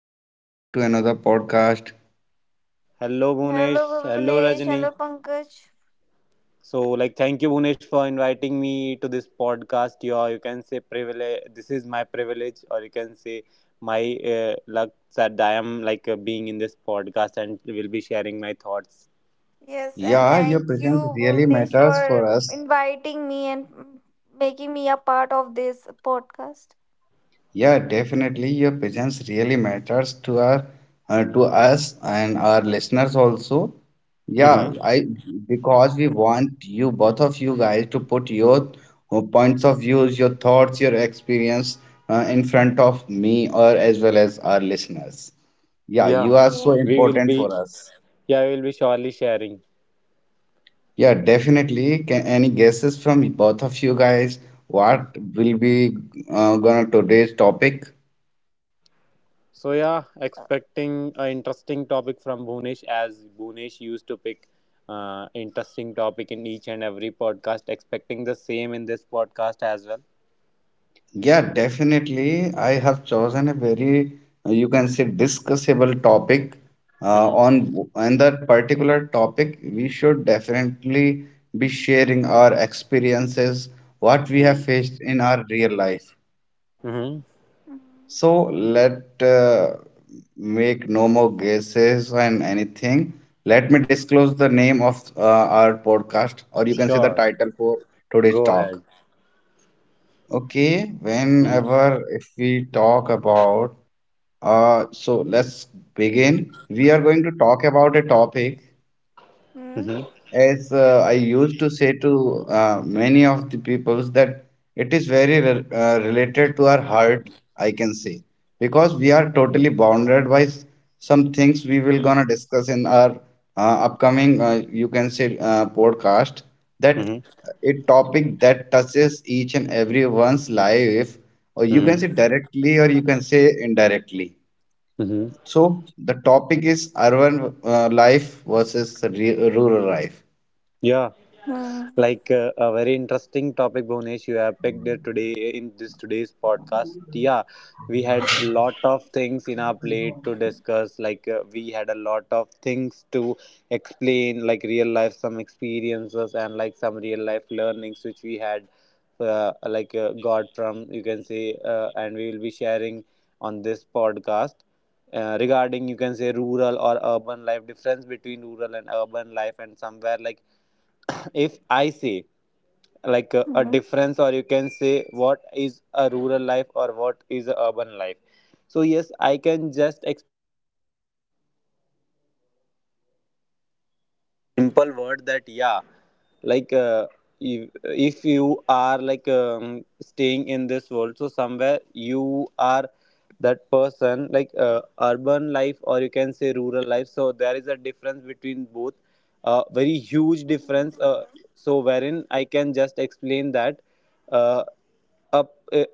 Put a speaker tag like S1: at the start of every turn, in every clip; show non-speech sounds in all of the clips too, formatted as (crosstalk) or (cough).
S1: welcome back to another podcast.
S2: Hello, Bhunesh.
S3: Hello,
S2: Hello,
S3: Bhuvnesh.
S2: Rajni.
S3: Hello, Pankaj.
S2: Thank you, Bhunesh, for inviting me to this podcast. You can say privilege. This is my privilege, or you can say my luck that I am being in this podcast and will be sharing my thoughts.
S3: Yes, and
S1: Yeah, your
S3: thank
S1: presence
S3: you,
S1: really
S3: Bhuvnesh,
S1: matters for
S3: for
S1: us.
S3: inviting me and making me a part of this podcast.
S1: Yeah, definitely your presence really matters to our to us and our listeners also.
S2: Mm-hmm.
S1: Yeah,
S3: Mm,
S1: I because we want you both of you guys to put your points of views, your thoughts, your experience, in front
S3: mm,
S1: of me or as well as our listeners. Yeah,
S2: Yeah,
S1: you are so
S3: Okay.
S2: we will
S1: important
S2: be.
S1: for us.
S2: Yeah, we will be surely sharing.
S1: Yeah, definitely. Any guesses from both of you guys? What will be gonna today's topic?
S2: So yeah,
S3: Uh,
S2: expecting an interesting topic from Bhunesh as Bhunesh used to pick interesting topic in each and every podcast. Expecting the same in this podcast as well.
S1: Yeah,
S3: mm,
S1: definitely. I have chosen a very, you can say, discussable topic.
S2: Mm-hmm.
S1: On that particular topic, we should definitely be sharing our experiences, what we have
S2: Mm-hmm.
S1: faced in our real life.
S2: Mm-hmm.
S1: So let make no more guesses and anything. Let me disclose the name of our podcast, or you can say the
S2: Sure.
S1: title for today's
S2: Go ahead.
S1: talk. Okay,
S2: Mm-hmm.
S1: whenever if we talk about, so let's begin. We are going to talk about a topic.
S3: mm,
S2: Mm-hmm.
S1: As I used to say to many of the peoples that it is very related to our heart, I can say, because we are totally bounded by some things we will gonna discuss in our upcoming, you can say, podcast. That a topic that touches each and everyone's life, or you can
S2: Mm-hmm.
S1: say directly, or you can say indirectly.
S2: Mm-hmm.
S1: So the topic is urban life versus rural life.
S2: Yeah.
S3: mm, mm,
S2: A very interesting topic, Bhunesh, you have picked it today in this today's podcast. Yeah, we had a lot of things in our plate to discuss. We had a lot of things to explain, like real life, some experiences, and like some real life learnings which we had, got from, you can say, and we will be sharing on this podcast, regarding, you can say, rural or urban life, difference between rural and urban life. And somewhere, like, (clears throat) if I say like a
S3: mm,
S2: difference, or you can say, what is a rural life or what is a urban life, so yes, I can just
S4: Simple word that, yeah, like if, if you are like staying in this world, so somewhere you are that person like urban life or you can say rural life. So there is a difference between both. Very huge
S3: mm,
S4: difference. So wherein I can just explain that uh, up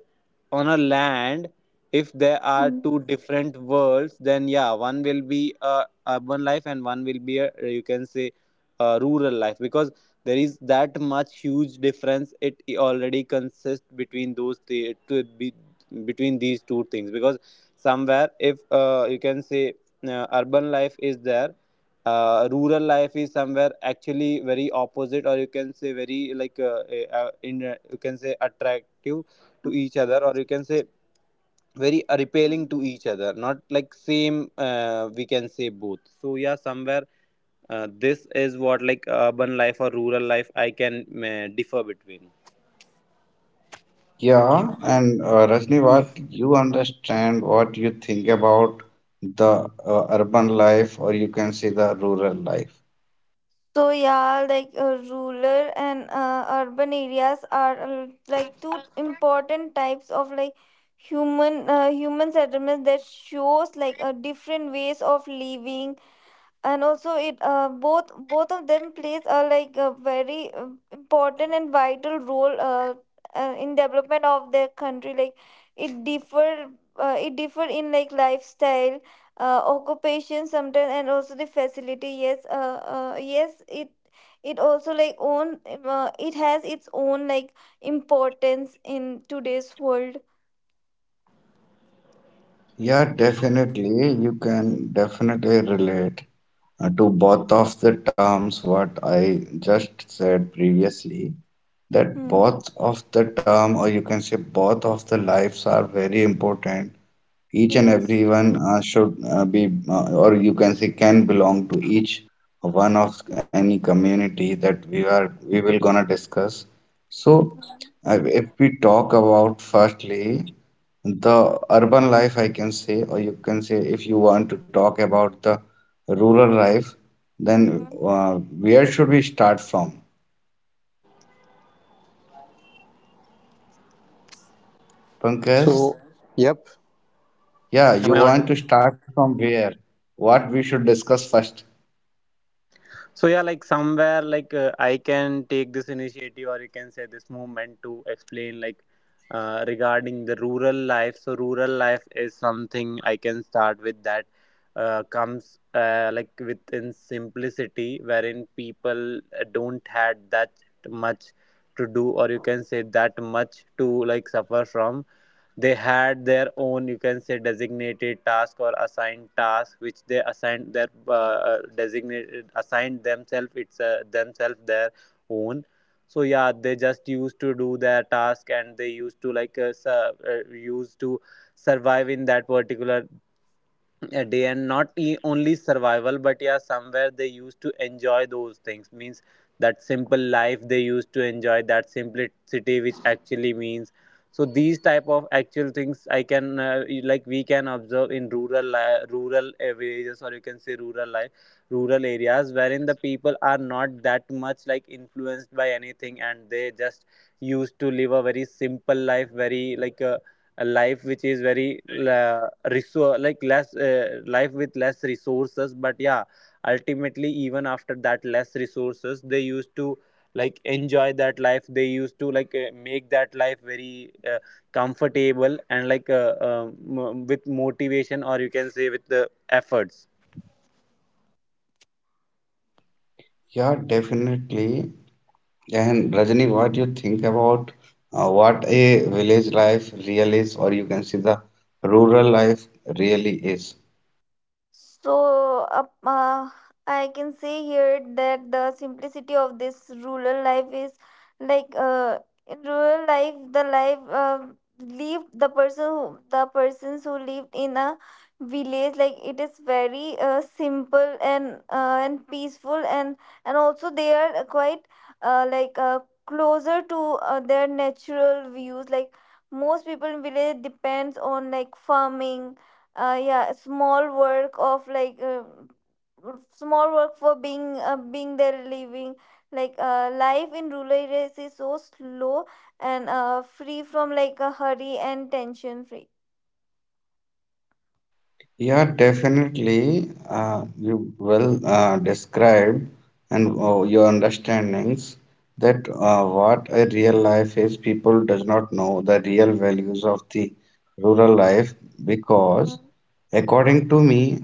S4: on a land, if there are
S3: mm,
S4: two different worlds, then yeah, one will be a urban life and one will be a, you can say, rural life, because there is that much huge difference it already consists between those the, to be, between these two things. Because somewhere if you can say urban life is there, rural life is somewhere actually very opposite, or you can say very like you can say attractive to
S3: mm,
S4: each other, or you can say very repelling
S3: mm,
S4: to each other, not like same. We can say both, so yeah, somewhere this is what, like, urban life or rural life I can differ between.
S1: Yeah, and Rajni, what you understand, what you think about the urban life, or you can say the rural life.
S3: So yeah, rural and urban areas are like two important types of like human settlements that shows like different ways of living, and also it both of them plays a like a very important and vital role in development of their country. Like it differ it differ in like lifestyle, occupation sometimes, and also the facility. Yes, yes, it also like own it has its own like importance in today's world.
S1: Yeah, definitely, you can definitely relate to both of the terms what I just said previously. That
S3: Hmm.
S1: both of the term, or you can say both of the lives, are very important. Each and
S3: yes
S1: everyone should be or you can say can belong to each one of any community that we will gonna discuss. So
S3: Hmm.
S1: if we talk about firstly the urban life I can say, or you can say if you want to talk about the rural life, then
S3: Hmm.
S1: where should we start from, Pankaj?
S4: Yep.
S1: Yeah, you want to start from where? What we should discuss first?
S4: So yeah, like somewhere like I can take this initiative, or you can say this movement, to explain like regarding the rural life. So rural life is something I can start with, that comes like within simplicity, wherein people don't had that much to do, or you can say that much to like suffer from. They had their own, you can say, designated task or assigned task, which they assigned their designated, assigned themselves, it's themselves, their own. So yeah, they just used to do their task and they used to like used to survive in that particular a day, and not only survival, but yeah, somewhere they used to enjoy those things, means that simple life. They used to enjoy that simplicity, which actually means, so these type of actual things I can, like, we can observe in rural villages, or you can say rural life, rural areas, wherein the people are not that much like influenced by anything, and they just used to live a very simple life, very like a life which is very resource, like less life with less resources. But yeah, ultimately, even after that less resources, they used to like enjoy that life. They used to like make that life very comfortable and like with motivation, or you can say with the efforts.
S1: Yeah, definitely. And Rajani, what you think about what a village life really is, or you can see the rural life really is?
S3: So, I can say here that the simplicity of this rural life is like uh, in rural life, the life lived the person who, the persons who lived in a village, like it is very simple and peaceful, and also they are quite uh, like uh, closer to their natural views. Like most people in village depends on like farming, yeah, small work of small work for being there living, life in rural areas is so slow and free from like a hurry and tension free.
S1: Yeah, definitely. You well described and your understandings that what a real life is, people does not know the real values of the rural life because,
S3: Mm,
S1: according to me,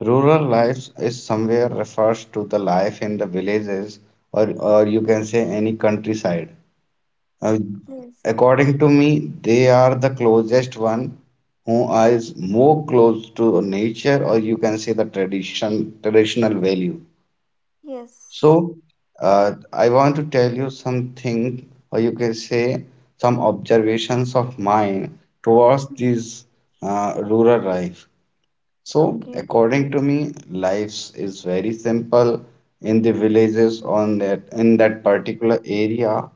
S1: rural
S3: mm, mm.
S1: life is somewhere refers to the life in the villages or you can say any countryside. uh,
S3: Yes.
S1: According to me, they are the closest one who is more close to nature, or you can say the tradition, traditional value.
S3: yes
S1: So, I want to tell you something, or you can say some observations of mine towards
S3: Mm,
S1: this rural life. So,
S3: okay.
S1: according to me, lives is very simple in the villages on that in that particular area.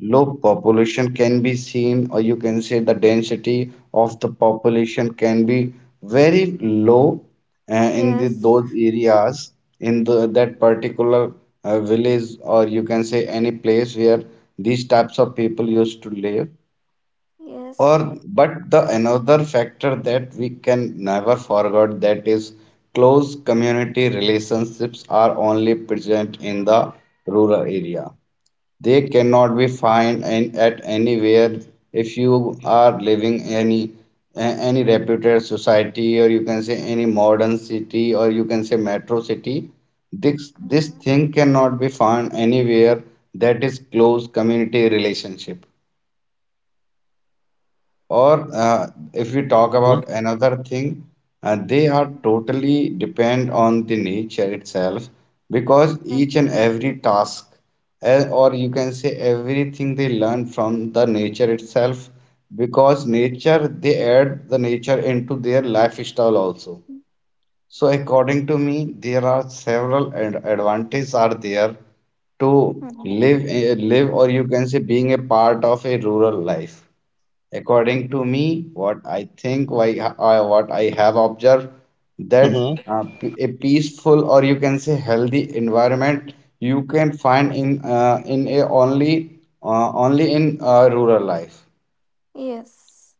S1: Low
S3: Mm,
S1: population can be seen, or you can say the density of the population can be very low uh, in the,
S3: yes.
S1: those areas in the, that particular village, or you can say any place where these types of people used to live.
S3: yes
S1: Or, but the another factor that we can never forget, that is, close community relationships are only present in the rural area. They cannot be found in, at anywhere if you are living any a- any reputed society, or you can say any modern city, or you can say metro city. This
S3: Mhm.
S1: thing cannot be found anywhere, that is close community relationship. Or if we talk about another thing, they are
S3: Mm,
S1: totally depend on the nature itself because each
S3: mm,
S1: and every task, or you can say everything they learn from the nature itself, because nature they add the nature into their lifestyle also.
S3: mm,
S1: So according to me, there are several ad advantages are there to
S3: mm, mm.
S1: live live, or you can say being a part of a rural life. According to me, what I think, what I have observed, that a peaceful, or you can say healthy environment, you can find in a only only in rural life.
S3: Yes.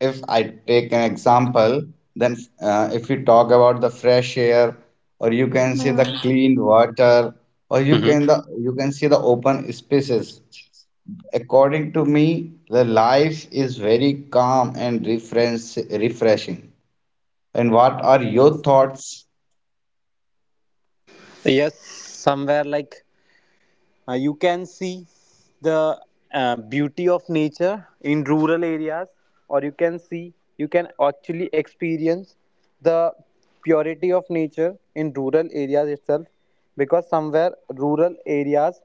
S1: If I take an example, then if we talk about the fresh air, or you can say the
S3: Mm,
S1: clean water, or you
S4: Hmm.
S1: can the you can see the open spaces. According to me, the life is very calm and refreshing. And what are your
S3: yes.
S1: thoughts?
S4: Yes, somewhere like you can see the beauty of nature in rural areas, or you can see, you can actually experience the purity of nature in rural areas itself, because somewhere rural areas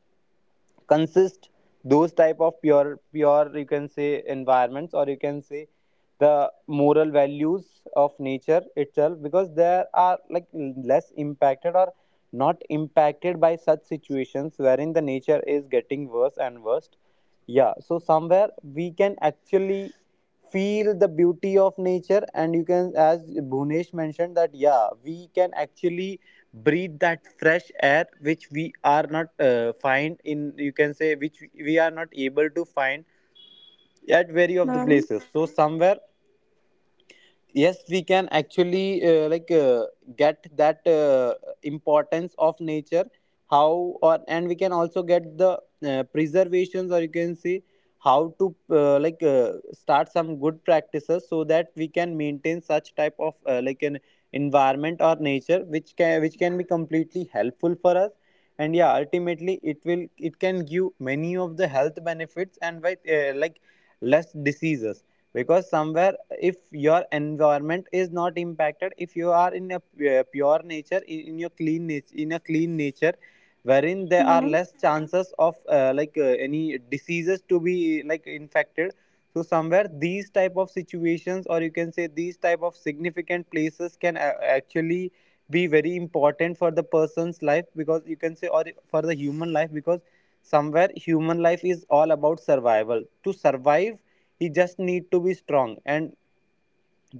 S4: consist those type of pure, you can say, environments, or you can say the moral values of nature itself, because they are like less impacted or not impacted by such situations wherein the nature is getting worse and worse. Yeah, so somewhere we can actually feel the beauty of nature. And you can, as Bhunesh mentioned, that yeah, we can actually breathe that fresh air which we are not find in, you can say, which we are not able to find at very of the
S3: Mm,
S4: places. So somewhere, yes, we can actually get that importance of nature, how, or, and we can also get the preservations, or you can see how to start some good practices, so that we can maintain such type of like an environment or nature which can, which can be completely helpful for us. And yeah, ultimately it will, it can give many of the health benefits and with like less diseases, because somewhere, if your environment is not impacted, if you are in a pure nature, in your clean nature, in a clean nature, wherein there are
S3: mm,
S4: less chances of any diseases to be like infected. So somewhere these type of situations, or you can say these type of significant places, can actually be very important for the person's life, because you can say, or for the human life, because somewhere human life is all about survival. To survive, he just need to be strong, and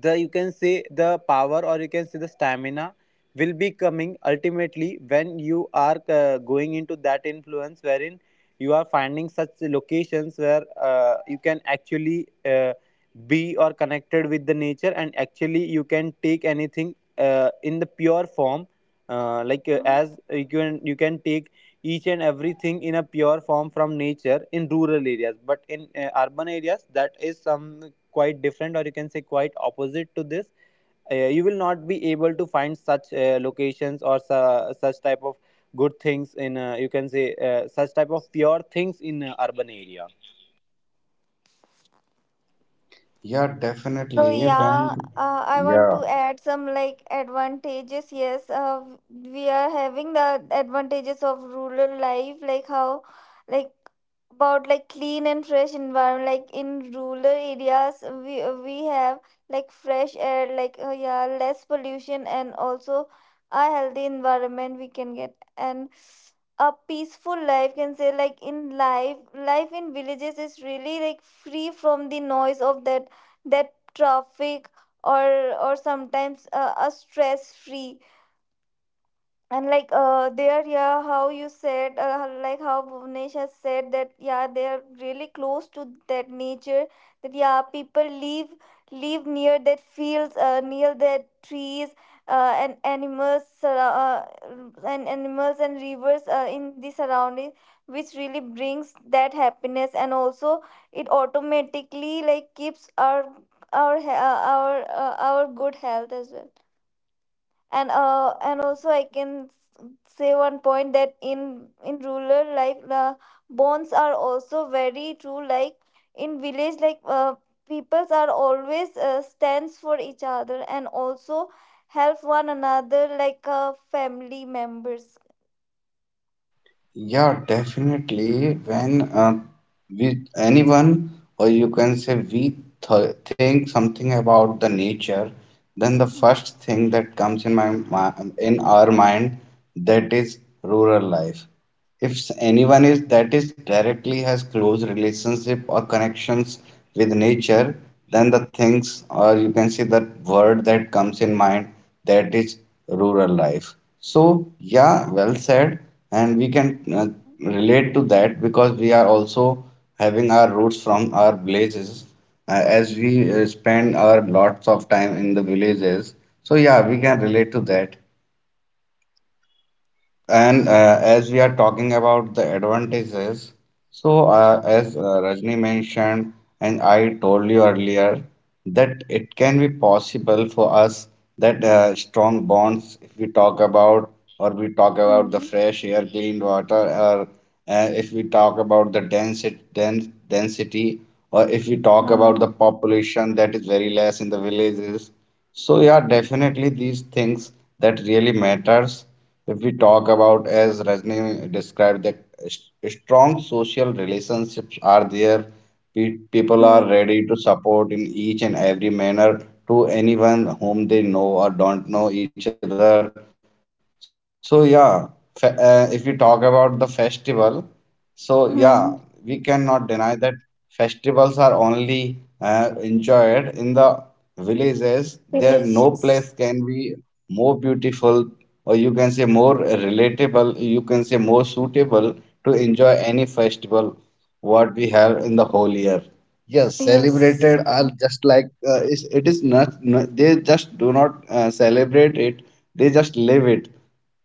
S4: the, you can say, the power, or you can say the stamina, will be coming ultimately when you are going into that influence wherein you are finding such locations where you can actually be or connected with the nature, and actually you can take anything in the pure form, as you can, you can take each and everything in a pure form from nature in rural areas. But in urban areas, that is some quite different, or you can say quite opposite to this. You will not be able to find such locations, or such type of good things in you can say such type of pure things in urban area.
S1: Yeah,
S3: So
S1: definitely.
S3: yeah,
S1: When,
S3: I want to
S1: yeah,
S3: add some like advantages. Yes, we are having the advantages of rural life, like how, like about like clean and fresh environment. Like in rural areas, we have like fresh air, yeah, less pollution, and also a healthy environment we can get, and a peaceful life can say. Like in life life in villages is really like free from the noise of that traffic, or sometimes a stress free, and like, there, yeah, how you said, like how Bhuvnesh has said, that yeah, they are really close to that nature. That yeah, people live live near that fields, near that trees, and and animals and rivers in the surroundings, which really brings that happiness. And also it automatically like keeps our he- our good health as well. And and also say one point that in rural life, bonds are also very true. Like in village, peoples are always stands for each other, and also help one another, family members.
S1: yeah, definitely. When we anyone, or you can say we th think something about the nature, then the
S3: Mhm,
S1: first thing that comes in my in our mind, that is rural life. If anyone is that is directly has close relationship or connections with nature, then the things, or you can say the word that comes in mind, that is rural life. So yeah, well said, and we can relate to that because we are also having our roots from our villages, as we spend our lots of time in the villages. So yeah, we can relate to that. And as we are talking about the advantages, so as Rajni mentioned, and I told you earlier, that it can be possible for us that strong bonds, if we talk about, or we talk about the fresh air, clean water, or if we talk about the density, or if we talk
S3: mhm,
S1: about the
S3: mhm,
S1: population that is very less in the villages. So yeah, definitely these things that really matters. If we talk about, as Rajni described, that strong social relationships are there. People are ready to support in each and every manner to anyone whom they know or don't know each other. So yeah, if we talk about the festival. So
S3: mhm.
S1: yeah, we cannot deny that festivals are only enjoyed in the villages. There no
S3: Villages.
S1: place can be more beautiful, or you can say more relatable. You can say more suitable to enjoy any festival what we have in the whole year. Yes,
S3: Yes
S1: celebrated are just like is it is not, no- they just do not celebrate it. They just live it.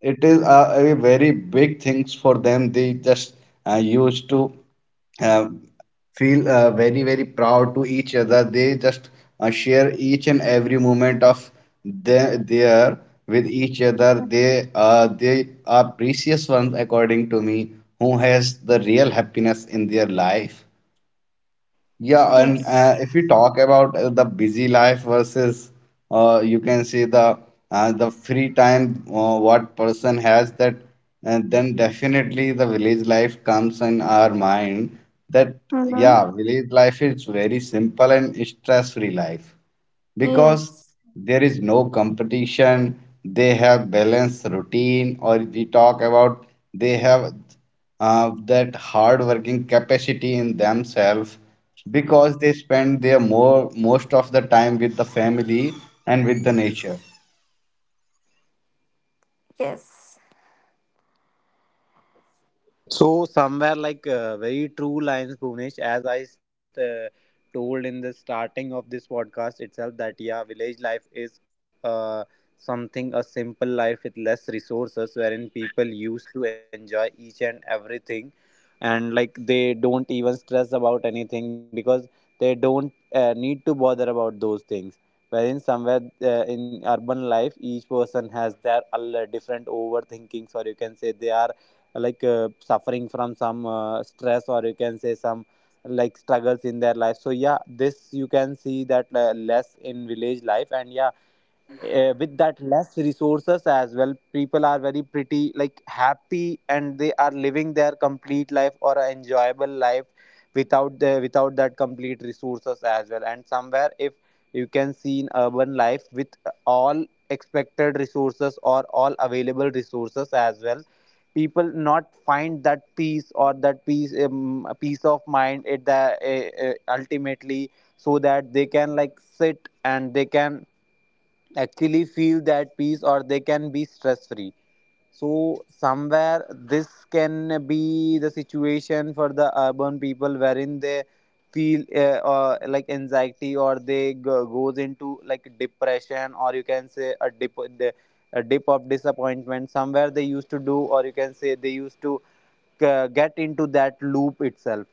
S1: It is a very big things for them. They just used to uh, feel very very proud to each other. They just share each and every moment of their with each other.
S3: Mhm.
S1: They are precious ones according to me who has the real happiness in their life. Yeah, and
S3: yes
S1: if you talk about the busy life versus you can see the free time what person has that, and then definitely the village life comes in our mind that
S3: Mhm.
S1: yeah, village life is very simple and stress-free life because
S3: Yes.
S1: there is no competition. They have balanced routine, or if we talk about, they have that hard working capacity in themselves because they spend their more most of the time with the family and with the nature.
S3: yes
S4: So somewhere like very true lines, Bhuvnesh, as I told in the starting of this podcast itself, that yeah, village life is something a simple life with less resources, wherein people used to enjoy each and everything, and like they don't even stress about anything because they don't need to bother about those things. Wherein somewhere in urban life, each person has their different overthinkings, or you can say they are like suffering from some stress, or you can say some like struggles in their life. So yeah, this you can see that less in village life. And yeah, with that less resources as well, people are very pretty like happy, and they are living their complete life, or a enjoyable life, without the, without that complete resources as well. And somewhere, if you can see in urban life, with all expected resources or all available resources as well, people not find that peace, or that peace, peace of mind at the ultimately, so that they can like sit and they can actually feel that peace, or they can be stress free. So somewhere this can be the situation for the urban people, wherein they feel like anxiety, or they goes into like depression, or you can say a a dip of disappointment, somewhere they used to do, or you can say they used to get into that loop itself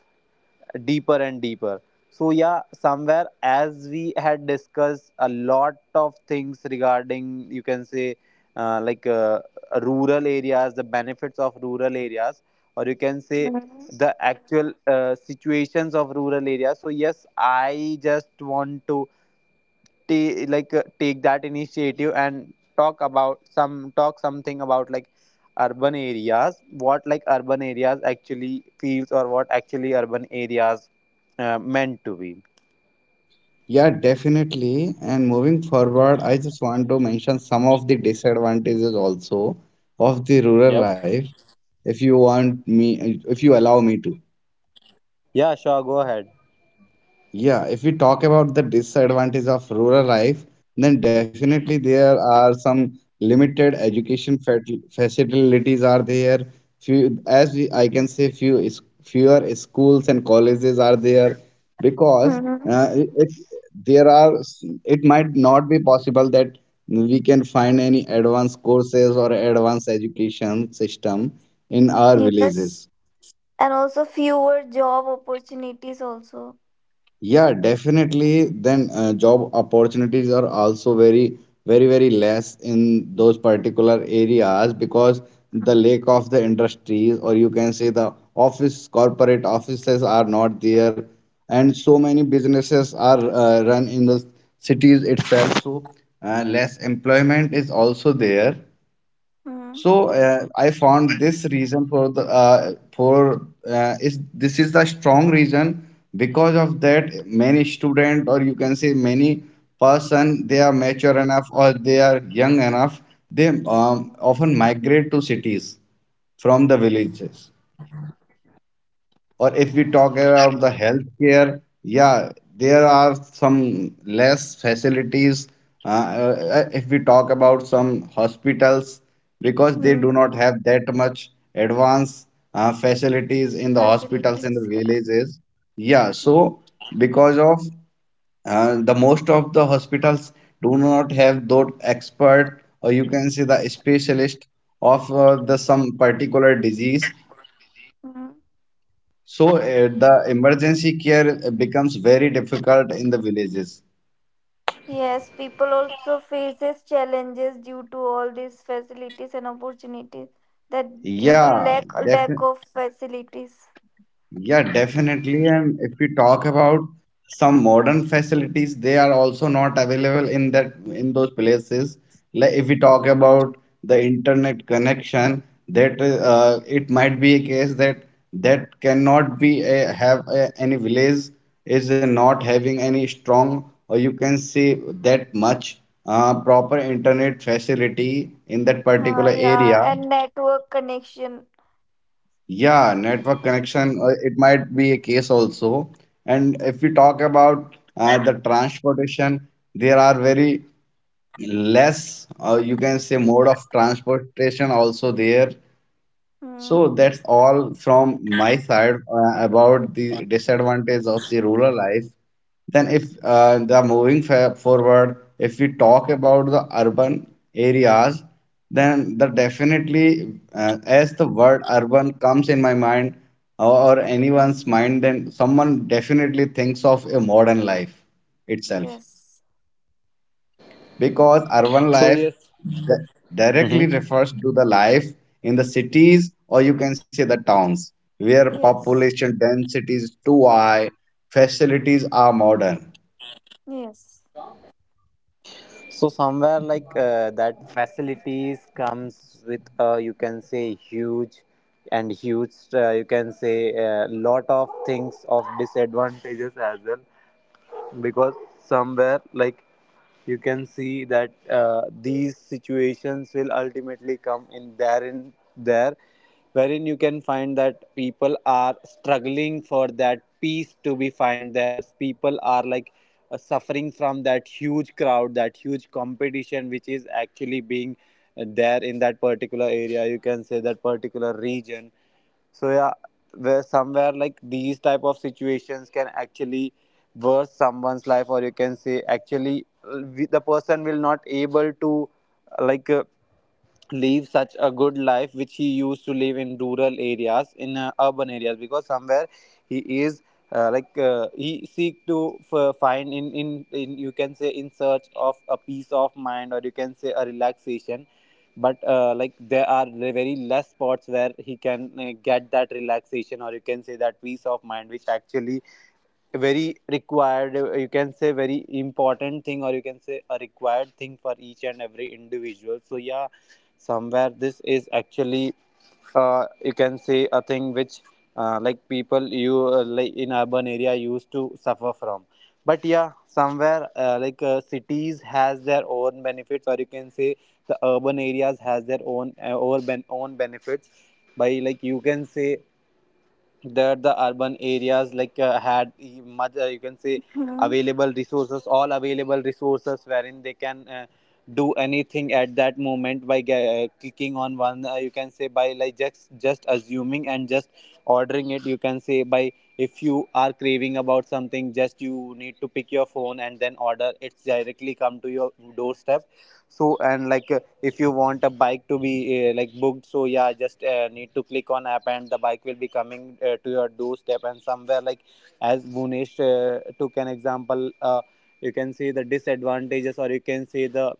S4: deeper and deeper. So yeah, somewhere, as we had discussed a lot of things regarding, you can say, uh, like uh, rural areas, the benefits of rural areas, or you can say
S3: Mhm.
S4: the actual situations of rural areas. So yes, I just want to take that initiative and talk about some, talk something about like urban areas, what, like urban areas actually feels, or what actually urban areas meant to be.
S1: Yeah, definitely. And moving forward, I
S4: Mhm.
S1: just want to mention some of the disadvantages also of the rural
S4: Yep.
S1: life, if you want me, if you allow me to.
S4: Yeah, sure, go ahead.
S1: Yeah, if we talk about the disadvantage of rural life, then definitely there are some limited education facilities are there. Few, as we, I can say, fewer schools and colleges are there because
S3: Mhm.
S1: uh, it it- there are it might not be possible that we can find any advanced courses or advanced education system in our
S3: Yes,
S1: villages.
S3: and also fewer job opportunities also.
S1: Yeah, definitely. Then job opportunities are also very less in those particular areas because the lack of the industries, or you can say the office, corporate offices are not there, and so many businesses are run in the cities itself. So less employment is also there.
S3: mm-hmm.
S1: So I found this reason for the for is this is the strong reason because of that many student, or you can say many person, they are mature enough or they are young enough, they often migrate to cities from the villages. Or if we talk about the healthcare, yeah, there are some less facilities. If we talk about some hospitals, because they do
S3: Mm-hmm.
S1: not have that much advanced facilities in the hospitals in the
S3: Facilities, yeah.
S1: villages. Yeah, so because of the most of the hospitals do not have those expert, or you can say the specialist of the some particular disease,
S3: mm-hmm.
S1: so the emergency care becomes very difficult in the villages.
S3: Yes, people also faces challenges due to all these facilities and opportunities, that due to
S1: Yeah,
S3: lack
S1: definitely.
S3: of facilities.
S1: Yeah, definitely. And if we talk about some modern facilities, they are also not available in that in those places. Like if we talk
S3: mm-hmm.
S1: about the internet connection, that it might be a case that that cannot be a, have a, any village is not having any strong, or you can say that much proper internet facility in that particular
S3: Yeah,
S1: area.
S3: and network connection.
S1: Yeah, network connection, it might be a case also. And if we talk about the transportation, there are very less, you can say, mode of transportation also there.
S3: mm-hmm.
S1: So that's all from my side about the disadvantage of the rural life. Then, if the moving fa- forward, if we talk about the urban areas, then the definitely, as the word urban comes in my mind or anyone's
S3: Mm-hmm.
S1: mind, then someone definitely thinks of a modern life itself,
S3: Yes
S1: because urban
S4: So
S1: life
S4: yes,
S1: d-
S4: hmm,
S1: directly refers to the life in the cities, or you can say the towns, where
S3: yes
S1: population density is too high, facilities are modern.
S3: yes
S4: so somewhere like that facilities comes with you can say huge and huge you can say a lot of things of disadvantages as well, because somewhere like you can see that these situations will ultimately come in there, in there, wherein you can find that people are struggling for that peace to be find there. People are like suffering from that huge crowd, that huge competition, which is actually being there in that particular area, you can say that particular region. So yeah, where somewhere like these type of situations can actually worse someone's life, or you can say actually the person will not able to uh, like uh, live such a good life which he used to live in rural areas. In urban areas, because somewhere he is he seek to find in, you can say, in search of a peace of mind, or you can say a relaxation. But like there are very less spots where he can get that relaxation, or you can say that peace of mind, which actually a very required you can say very important thing, or you can say a required thing for each and every individual. So yeah, somewhere this is actually you can say a thing which like people you like in urban area used to suffer from. But yeah, somewhere cities has their own benefits, or you can say the urban areas has their own own benefits, by like, you can say, that the urban areas like had much you can say
S3: mm-hmm.
S4: available resources, all available resources, wherein they can do anything at that moment by clicking on one, you can say by like, just assuming and just ordering it, you can say, by if you are craving about something, just you need To pick your phone and then order, it's directly come to your doorstep. So and if you want a bike to be like booked, so yeah, just need to click on app and the bike will be coming to your doorstep. And somewhere like as Bhunesh took an example, you can see the disadvantages or you can see the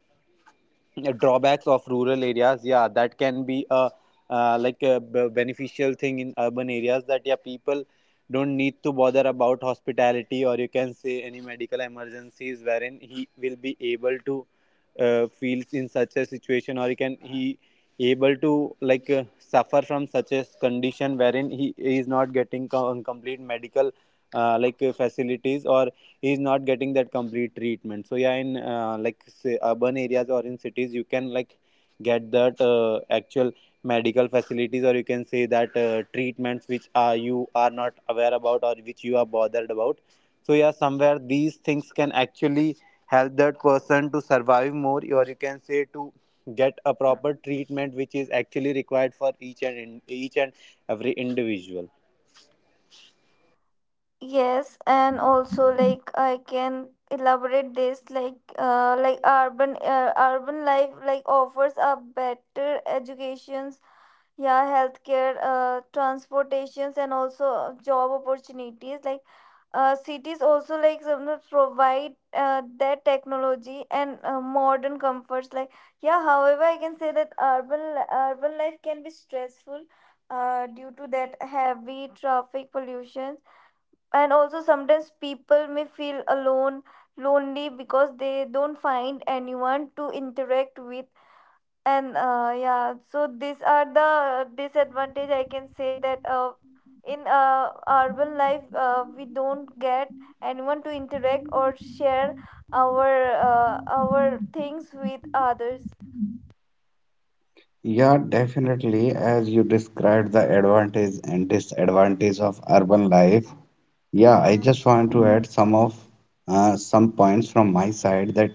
S4: drawbacks of rural areas. Yeah, that can be a beneficial thing in urban areas, that yeah, people don't need to bother about hospitality or you can say any medical emergencies wherein he will be able to feels in such a situation, or he can he able to like suffer from such a condition wherein he is not getting complete medical facilities, or he is not getting that complete treatment. So yeah, in like say, urban areas or in cities, you can like get that actual medical facilities, or you can say that treatments which are you are not aware about or which you are bothered about. So yeah, somewhere these things can actually help that person to survive more, or you can say to get a
S3: Mm-hmm.
S4: proper treatment which is actually required for each and each and every individual.
S3: Yes, and also like I can elaborate this like urban life like offers a better educations, yeah, healthcare, transportations, and also job opportunities. Like cities also like some of provide that technology and modern comforts. Like yeah, however, I can say that urban life can be stressful due to that heavy traffic pollution, and also sometimes people may feel alone lonely because they don't find anyone to interact with. And yeah, so these are the disadvantage I can say, that in urban life, we don't get anyone to interact or share our things with others.
S1: Yeah, definitely, as you described the advantage and disadvantage of urban life. Yeah, I
S3: Hmm.
S1: just want to add some of some points from my side, that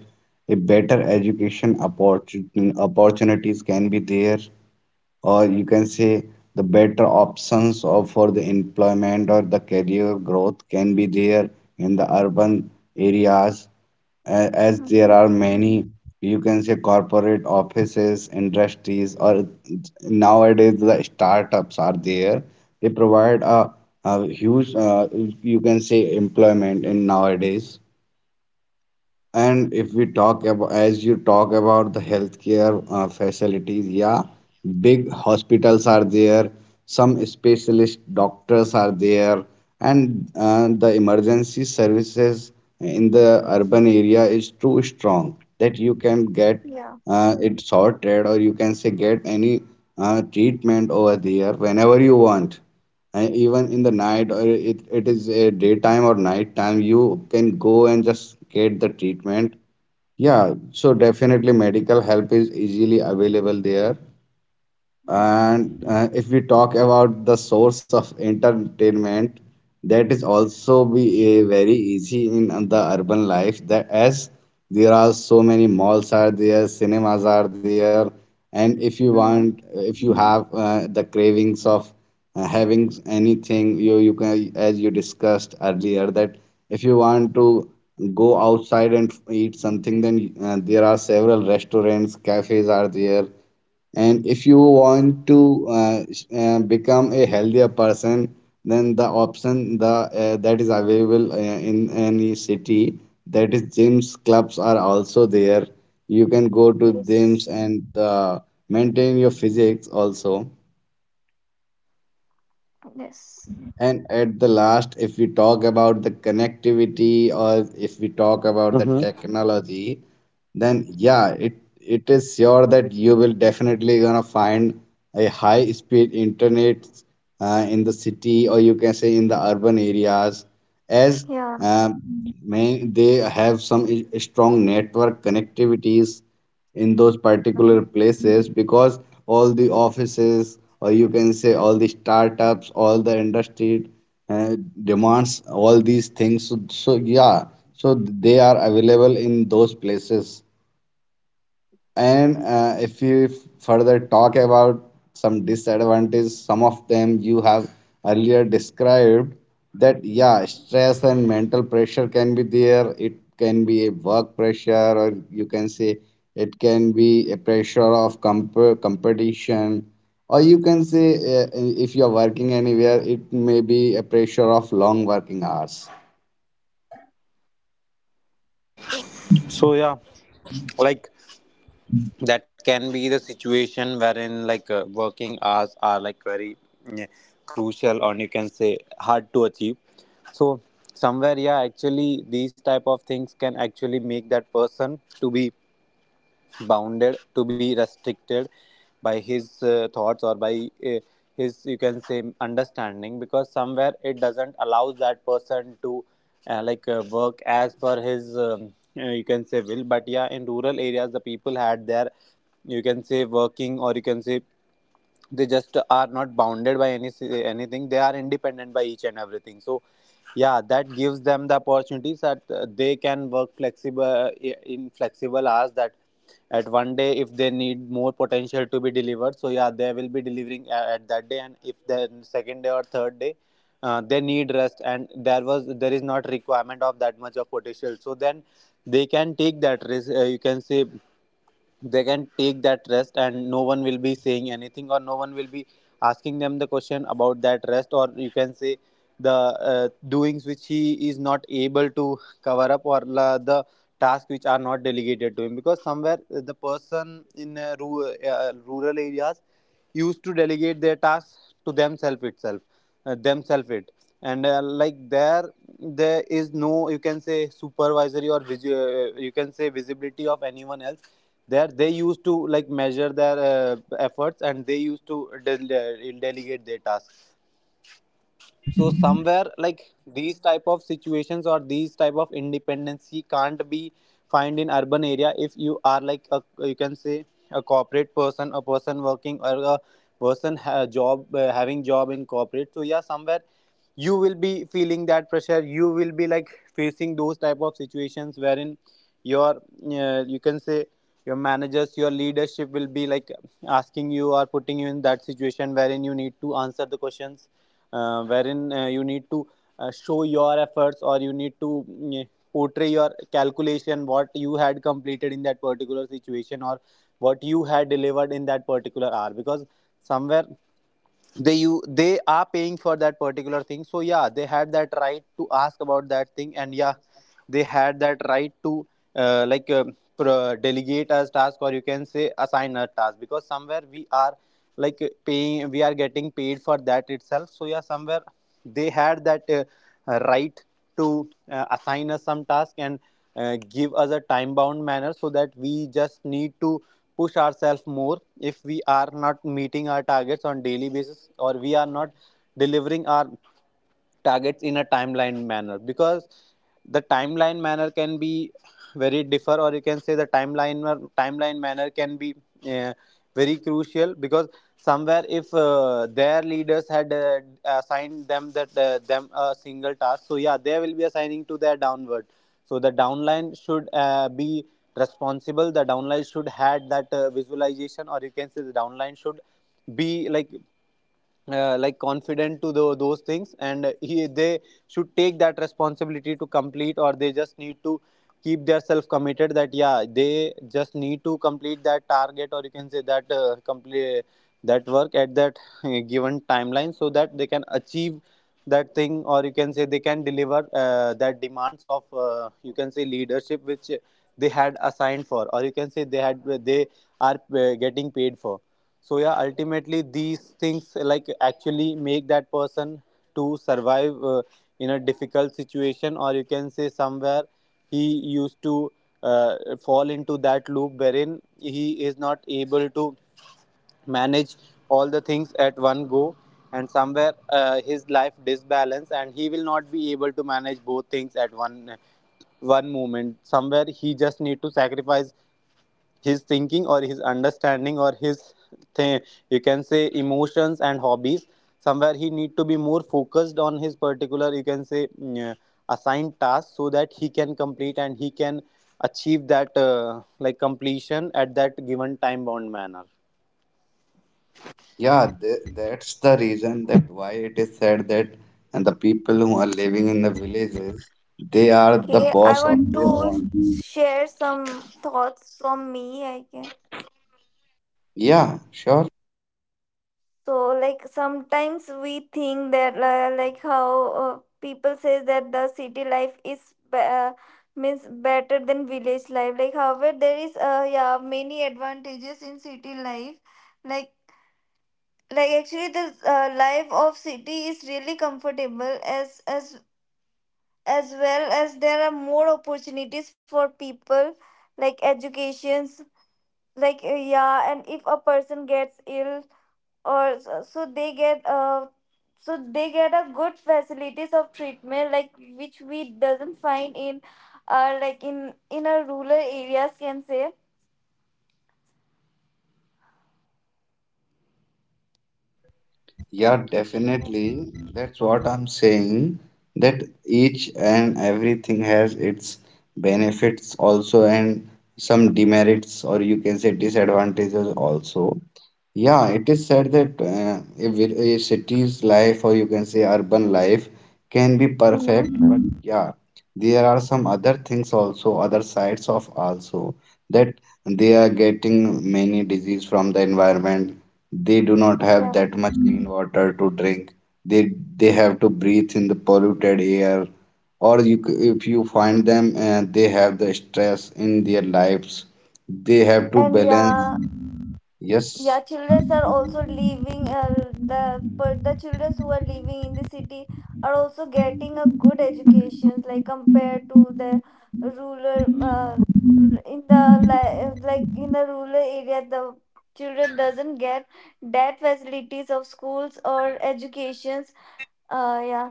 S1: a better opportunities can be there, or you can say the better options of for the employment or the career growth can be there in the urban areas, as there
S3: Mhm.
S1: are many, you can say, corporate offices, industries, or nowadays the startups are there. They provide a huge, you can say, employment in nowadays. And if we talk about, as you talk about the healthcare facilities, yeah, big hospitals are there, some specialist doctors are there, and the emergency services in the urban area is too strong that you can get
S3: Yeah.
S1: it sorted, or you can say get any treatment over there whenever you want. And even in the night, or it is a daytime or nighttime, you can go and just get the treatment. Yeah, so definitely medical help is easily available there.
S3: Hmm.
S1: And if we talk about the source of entertainment, that is
S3: Mhm.
S1: also be a very easy in the urban life. That as there are so many malls are there, cinemas are there, and if you want,
S3: Mhm.
S1: if you have the cravings of having anything, you can, as you discussed earlier, that if you want to go outside and eat something, then there are several restaurants, cafes are there. And if you
S3: Yes
S1: want to become a healthier person, then the option the that is available in any city, that is gyms, clubs are also there. You can go to
S3: yes
S1: gyms and maintain your physics also.
S3: yes
S1: And at the last, if we talk about the connectivity, or if we talk about the
S4: Mm-hmm.
S1: technology, then yeah, it is sure that you will definitely gonna find a high speed internet in the city, or you can say in the urban areas, as
S3: yeah
S1: um, may they have some strong network connectivities in those particular
S3: Mhm.
S1: places, because all the offices, or you can say all the startups, all the industry uh, demands all these things, so, so yeah, so they are available in those places. And if you further talk about some disadvantages, some of them you have earlier described that, yeah,
S3: Mhm.
S1: stress and mental pressure can be there. It can be a work pressure, or you can say it can be a pressure of competition, or you can say if you're working anywhere, it may be a pressure of long working hours.
S3: Okay,
S4: So yeah, like that can be the situation wherein like working hours are like very mm, crucial, or you can say hard to achieve. So somewhere yeah, actually these type of things can actually make that person to be bounded, to be restricted by his thoughts or by his, you can say, understanding, because somewhere it doesn't allow that person to work as per his you can say will. But yeah, in rural areas, the people had their, you can say, working, or you can say they just are not bounded by any anything. They are independent by each and everything. So yeah, that gives them the opportunities that they can work flexible in flexible hours, that at one day if they need more potential to be delivered, so yeah, they will be delivering at that day. And if the second day or third day they need rest, and there is not requirement of that much of potential, so then they can take that risk, you can say they can take that rest, and no one will be saying anything, or no one will be asking them the question about that rest, or you can say the doings which he is not able to cover up, or the tasks which are not delegated to him, because somewhere the person in rural areas used to delegate their tasks to themselves itself themselves it And there is no, you can say, supervisory or you can say visibility of anyone else there. They used to like measure their efforts, and they used to delegate their tasks. So somewhere like these type of situations or these type of independency can't be find in urban area. If you are like a, you can say, a corporate person, a person working, or a person ha- job having job in corporate, so yeah, somewhere you will be feeling that pressure. You will be like facing those type of situations wherein your you can say your managers, your leadership will be like asking you, or putting you in that situation wherein you need to answer the questions, wherein you need to show your efforts, or you need to portray your calculation, what you had completed in that particular situation, or what you had delivered in that particular hour. Because somewhere they are paying for that particular thing, so yeah, they had that right to ask about that thing. And yeah, they had that right to delegate as task, or you can say assign a task, because somewhere we are like paying we are getting paid for that itself. So yeah, somewhere they had that right to assign us some task, and give us a time bound manner, so that we just need to push ourselves more if we are not meeting our targets on daily basis, or we are not delivering our targets in a timeline manner. Because the timeline manner can be very differ, or you can say the timeline manner can be uh, very crucial, because somewhere if their leaders had assigned them a single task, so yeah, they will be assigning to their downward. So the downline should be responsible, the downline should had that visualization, or you can say the downline should be like confident to the those things, and they should take that responsibility to complete, or they just need to keep their self committed, that yeah, they just need to complete that target, or you can say that complete that work at that given timeline, so that they can achieve that thing, or you can say they can deliver that demands of you can say leadership which they had assigned for, or you can say they are getting paid for. So yeah, ultimately these things like actually make that person to survive in a difficult situation, or you can say somewhere he used to fall into that loop wherein he is not able to manage all the things at one go. And somewhere his life disbalance, and he will not be able to manage both things at one moment. Somewhere he just need to sacrifice his thinking, or his understanding, or his th- you can say emotions and hobbies. Somewhere he need to be more focused on his particular, you can say, assigned task, so that he can complete, and he can achieve that like completion at that given time bound manner.
S1: Yeah, that's the reason that why it is said that and the people who are living in the villages, they are the
S3: I
S1: boss of
S3: want
S1: their
S3: to
S1: own.
S3: share some thoughts from me, I can.
S4: Mhm.
S1: Yeah, sure.
S3: So like sometimes we think that like how people says that the city life is means better than village life. Like however, there is yeah, many advantages in city life. Like like actually the life of city is really comfortable, as as well as there are more opportunities for people, like educations, yeah. And if a person gets ill, or s- so they get uh so they get a good facilities of treatment, like which we doesn't find in in a rural areas can say.
S1: Yeah, definitely. That's what I'm saying. That each and everything has its benefits also and some demerits, or you can say disadvantages also. Yeah, it is said that a city's life, or you can say urban life, can be
S3: Hmm
S1: perfect, but yeah, there are some other things also, other sides of also, that they are getting many disease from the environment. They do not have
S3: yeah
S1: that much clean water to drink. They have to breathe in the polluted air, or if you find them, they have the stress in their lives. They have to
S3: and
S1: balance.
S3: yeah Yeah,
S1: Yes.
S3: children are also living the but the children who are living in the city are also getting a good education, like compared to the rural uh, in the in the rural area, the children doesn't get that facilities of schools or educations. uh yeah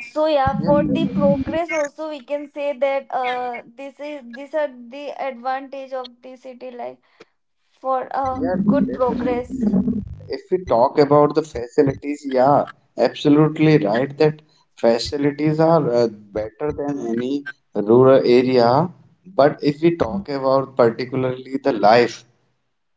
S3: so yeah,
S1: Yes,
S3: for the progress also, we can say that this is these are the advantage of the city life for a
S1: yeah,
S3: good progress.
S1: definitely. If we talk about the facilities, yeah, absolutely right, that facilities are better than any rural area. But if we talk about particularly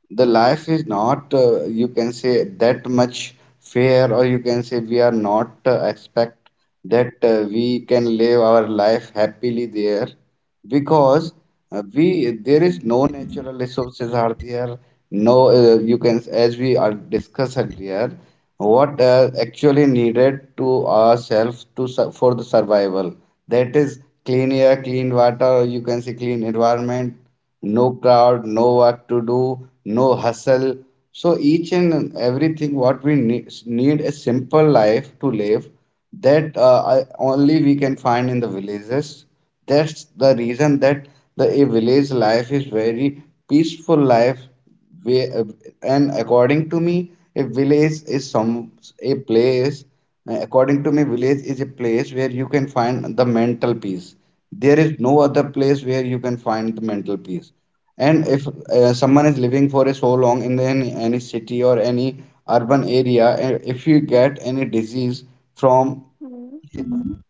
S1: the life is not you can say that much fair, or you can say we are not expect that we can live our life happily there, because we there is no natural resources are there, no you can, as we are discussed earlier, what actually needed to ourselves to for the survival, that is clean air, clean water, or you can say clean environment, no crowd, no work to do, no hustle. So each and everything what we need, need a simple life to live, that only we can find in the villages. That's the reason that the a village life is very peaceful life, we, uh, and according to me a village is some a place according to me village is a place where you can find the mental peace. There is no other place where you can find the mental peace. And if someone is living for a so long in any city or any urban area, and if you get any disease from
S3: Hmm.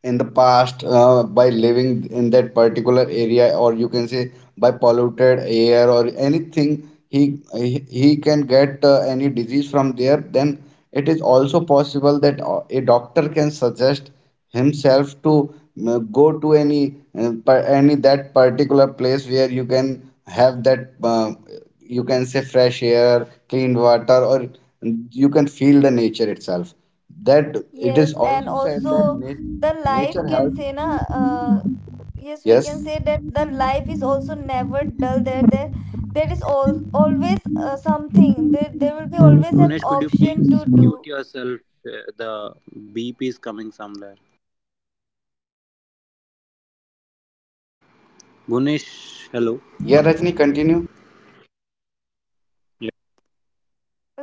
S1: in the past by living in that particular area, or you can say by polluted air or anything, he can get any disease from there, then it is also possible that a doctor can suggest himself to go to any any that particular place where you can have that you can say fresh air, clean water, or you can feel the nature itself, that it is
S3: Yes, and
S1: also said that
S3: also the life
S1: nature
S3: can
S1: helps.
S3: say na uh, yes, we
S1: Yes.
S3: can say that the life is also never dull there. There is always something there. There will be always an
S4: Bhunesh, could you
S3: option to
S4: please
S3: do,
S4: mute yourself? The beep is coming somewhere. Bhunesh, hello.
S1: Yeah, Rajni, continue.
S4: Yep.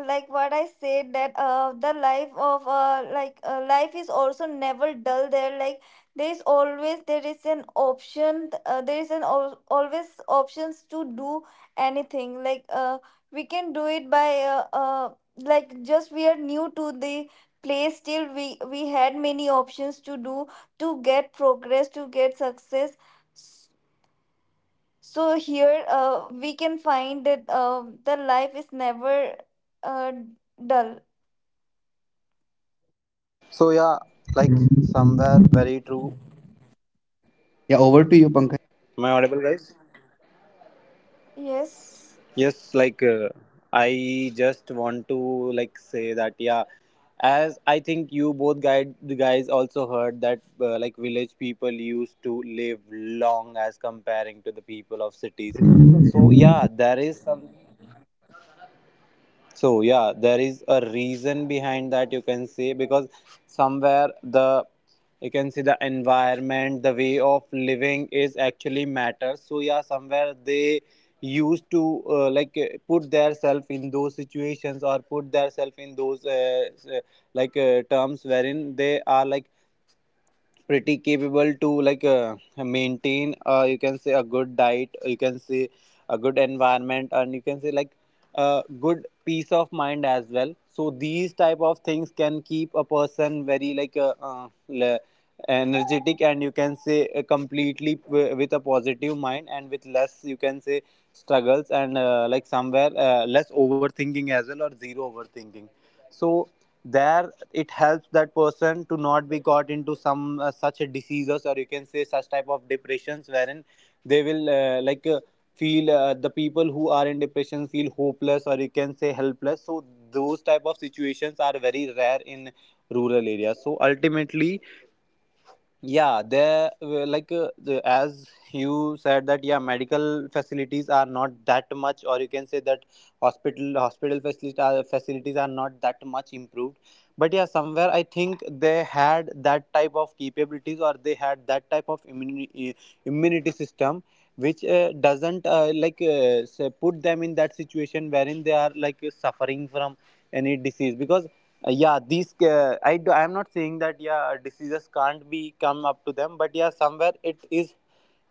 S3: like what I said, that the life of like life is also never dull there. Like there is always, there is an option, there is an always options to do anything. We can do it by like just we are new to the place, still we had many options to do, to get progress, to get success. So here, we can find that the life is never uh, dull.
S4: So yeah, like somewhere very true.
S1: Yeah, over to you, Pankaj.
S4: Am I audible, guys?
S3: Yes.
S4: Yes. Like I just want to like say that yeah, as I think you both guide the guys also heard that like village people used to live long as comparing to the people of
S1: Yeah,
S4: cities. So
S1: this-
S4: yeah, there is some. So yeah, there is a reason behind that, you can say, because somewhere the you can see the environment, the way of living is actually matters. So yeah, somewhere they used to put their self in those situations, or put their self in those s- uh, terms wherein they are like pretty capable to like maintain you can say a good diet, you can say a good environment, and you can say like a good peace of mind as well. So these type of things can keep a person very like energetic, and you can say completely with a positive mind, and with less, you can say, struggles, and somewhere less overthinking as well, or zero overthinking. So there it helps that person to not be got into some such diseases, or you can say such type of depressions wherein they will feel the people who are in depression feel hopeless, or you can say helpless. So those type of situations are very rare in rural areas. So ultimately yeah, there the, as you said that yeah, medical facilities are not that much, or you can say that hospital facilities facilities are not that much improved. But yeah, somewhere I think they had that type of capabilities, or they had that type of immunity system which doesn't say put them in that situation wherein they are like suffering from any disease. Because yeah, these I am not saying that yeah, diseases can't be come up to them, but yeah, somewhere it is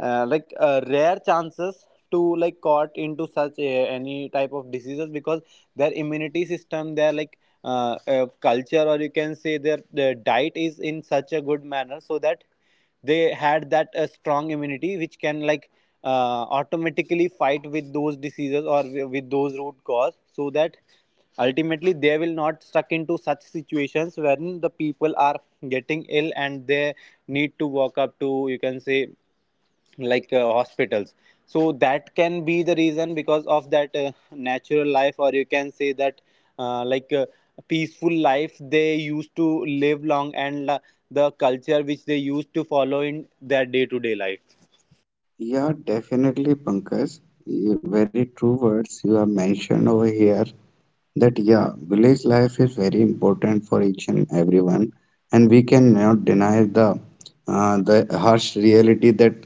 S4: rare chances to like caught into such any type of diseases, because their immunity system, their like culture, or you can say their diet is in such a good manner, so that they had that strong immunity which can like automatically fight with those diseases or with those root cause, so that ultimately they will not stuck into such situations when the people are getting ill and they need to walk up to, you can say, like hospitals. So that can be the reason, because of that natural life, or you can say that uh, like uh, peaceful life, they used to live long. And the culture which they used to follow in their day to day life.
S1: yeah, definitely, Pankaj. Very true words you have mentioned over here, that yeah, village life is very important for each and everyone, and we cannot deny the uh, the harsh reality that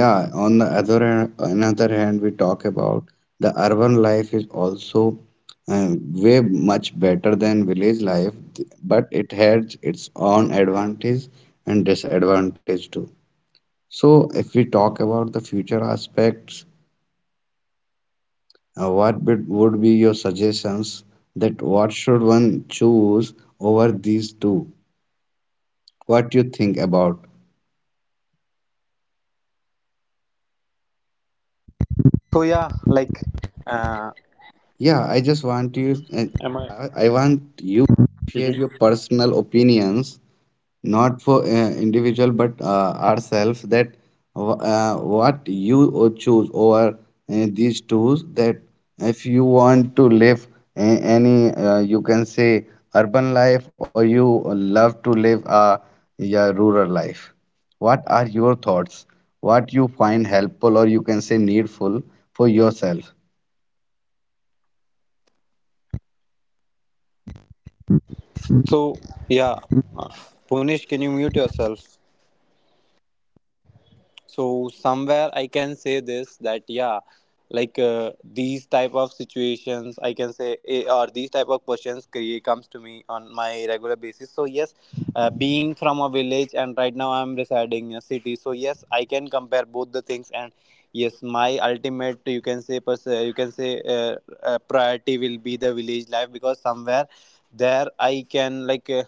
S1: yeah, on the other hand, another hand, we talk about the urban life is also uh, way much better than village life, but it has its own advantage and disadvantage too. So if we talk about the future aspects, what bit would be your suggestions, that what should one choose over these two? What you think about?
S4: So yeah, uh,
S1: Yeah, I just want you, I want you to share your personal opinions, not for individual, but ourselves, that what you choose over these tools, that if you want to live any, you can say, urban life, or you love to live a yeah, rural life. What are your thoughts, what you find helpful, or you can say needful, for yourself.
S4: so yeah uh, Punish, can you mute yourself? So somewhere I can say this, that yeah, these type of situations, I can say, or these type of questions comes to me on my regular basis. So yes, being from a village and right now I'm residing in a city, so yes, I can compare both the things. And yes, my ultimate, you can say, you can say, priority will be the village life, because somewhere there I can like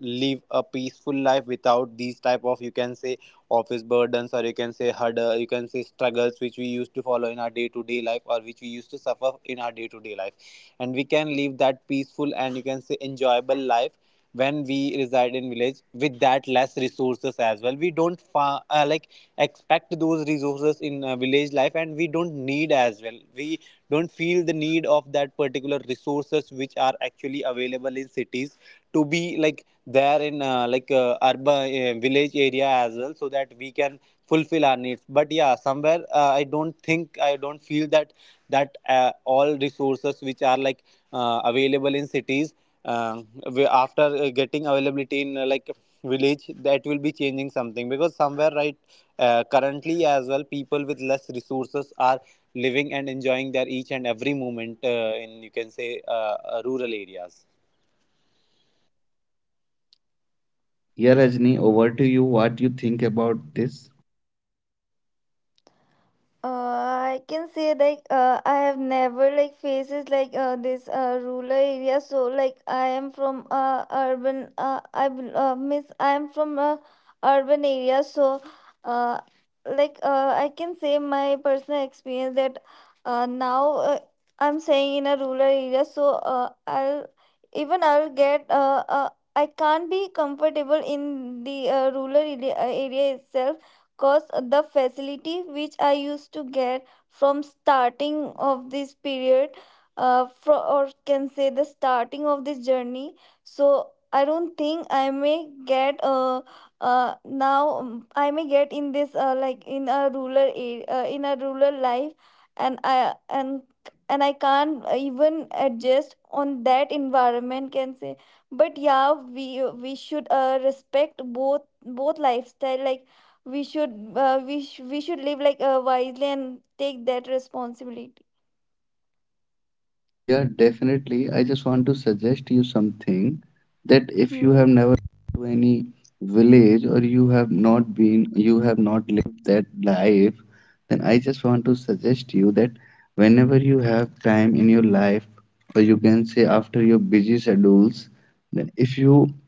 S4: live a peaceful life without these type of, you can say, office burdens, or you can say hurdle, you can say struggles, which we used to follow in our day to day life, or which we used to suffer in our day to day life. And we can live that peaceful and, you can say, enjoyable life when we reside in village with that less resources as well. We don't expect those resources in village life, and we don't need as well. We don't feel the need of that particular resources which are actually available in cities to be like there in urban, village area as well, so that we can fulfill our needs. But yeah, somewhere I don't feel that that all resources which are like available in cities uh, after getting availability in village, that will be changing something. Because somewhere right currently as well, people with less resources are living and enjoying their each and every moment in, you can say, rural areas.
S1: Yeah, Rajni, over to you, what you
S4: So
S1: think about this.
S3: I can say like I have never like faces like this rural area. So like I am from urban. I bel- miss I am from urban area. So uh, I can say my personal experience that now I'm staying in a rural area. So I'll even I'll get I can't be comfortable in the rural area, area itself, cause the facility which I used to get from starting of this period, fro or can say the starting of this journey. So I don't think I may get now I may get in this like in a rural area, in a rural life. and i and and I can't even adjust on that environment can say. But yeah, we should respect both lifestyle, like we should we should live like wisely and take that responsibility.
S1: Yeah, definitely. I just want to suggest you something, that if you
S3: hmm
S1: have never been to any village, or you have not been, you have not lived that life, then I just want to suggest you that whenever you have time in your life, or you can say after your busy schedules, then if you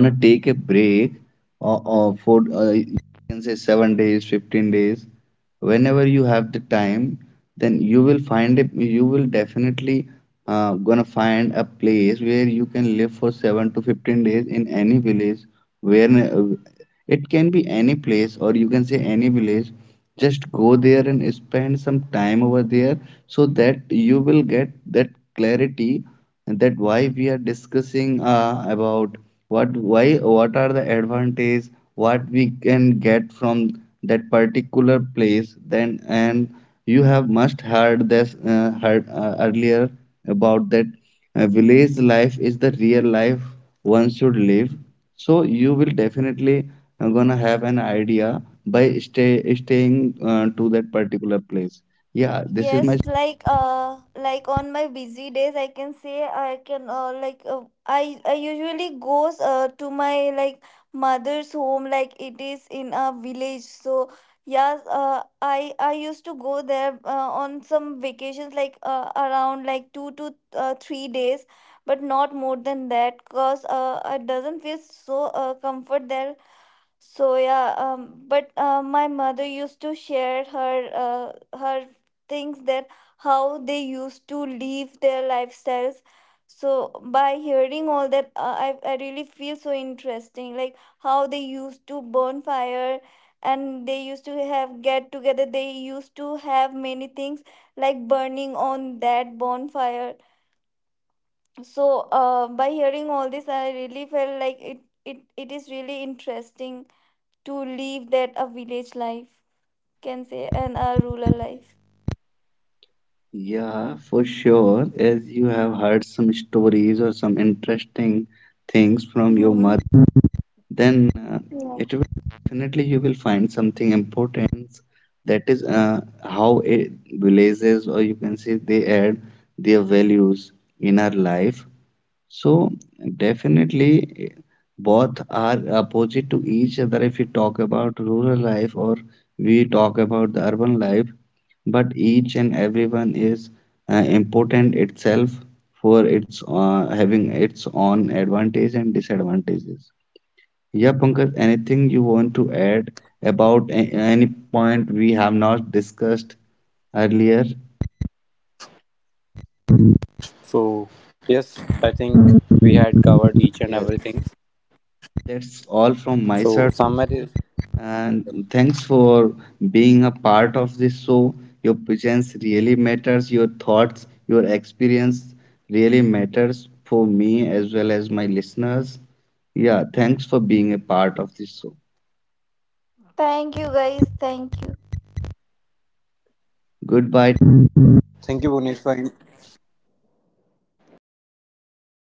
S1: want to take a break, or for you can say 7 days, 15 days, whenever you have the time, then you will find it. You will definitely gonna find a place where you can live for 7 to 15 days in any village, where uh, it can be any place, or you can say any village. Just go there and spend some time over there, so that you will get that clarity. And that why we are discussing about what why what are the advantage, what we can get from that particular place, then. And you have must heard this heard earlier about that village life is the real life one should live. So you will definitely gonna have an idea by staying to that particular place. Yeah, this is
S3: Yes,
S1: my.
S3: like on my busy days I can say, I can I usually goes to my like mother's home, like it is in a village. So yes, I used to go there on some vacations, around like 2 to 3 days, but not more than that, cause it doesn't feel so comfort there. But my mother used to share her her things, that how they used to live their lifestyles. So by hearing all that, I really feel so interesting. Like how they used to burn fire, and they used to have get together. They used to have many things like burning on that bonfire. So by hearing all this, I really felt like it is really interesting to live that a village life can say, and a rural life.
S1: Yeah, for sure. As you have heard some stories or some interesting things from your
S3: Mhm.
S1: mother, then
S3: Yeah.
S1: it will definitely, you will find something important. That is how it villages, or you can say they add their values in our life. So definitely both are opposite to each other, if we talk about rural life or we talk about the urban life, but each and everyone is important itself, for its having its own advantage and disadvantages. Yeah, Pankaj, anything you want to
S4: So,
S1: add about any point we have not discussed earlier?
S4: so yes, I think we had covered each and
S1: Yes.
S4: everything.
S1: That's all from
S4: So
S1: my side
S4: somewhere is
S1: also. And thanks for being a part of this show. Your presence really matters. Your thoughts, your experience really matters for me as well as my listeners. Yeah, thanks for being a part of this show.
S3: Thank you, guys. Thank you.
S1: Goodbye.
S4: thank you Bhunesh for in- thank you, Bhunesh, for inviting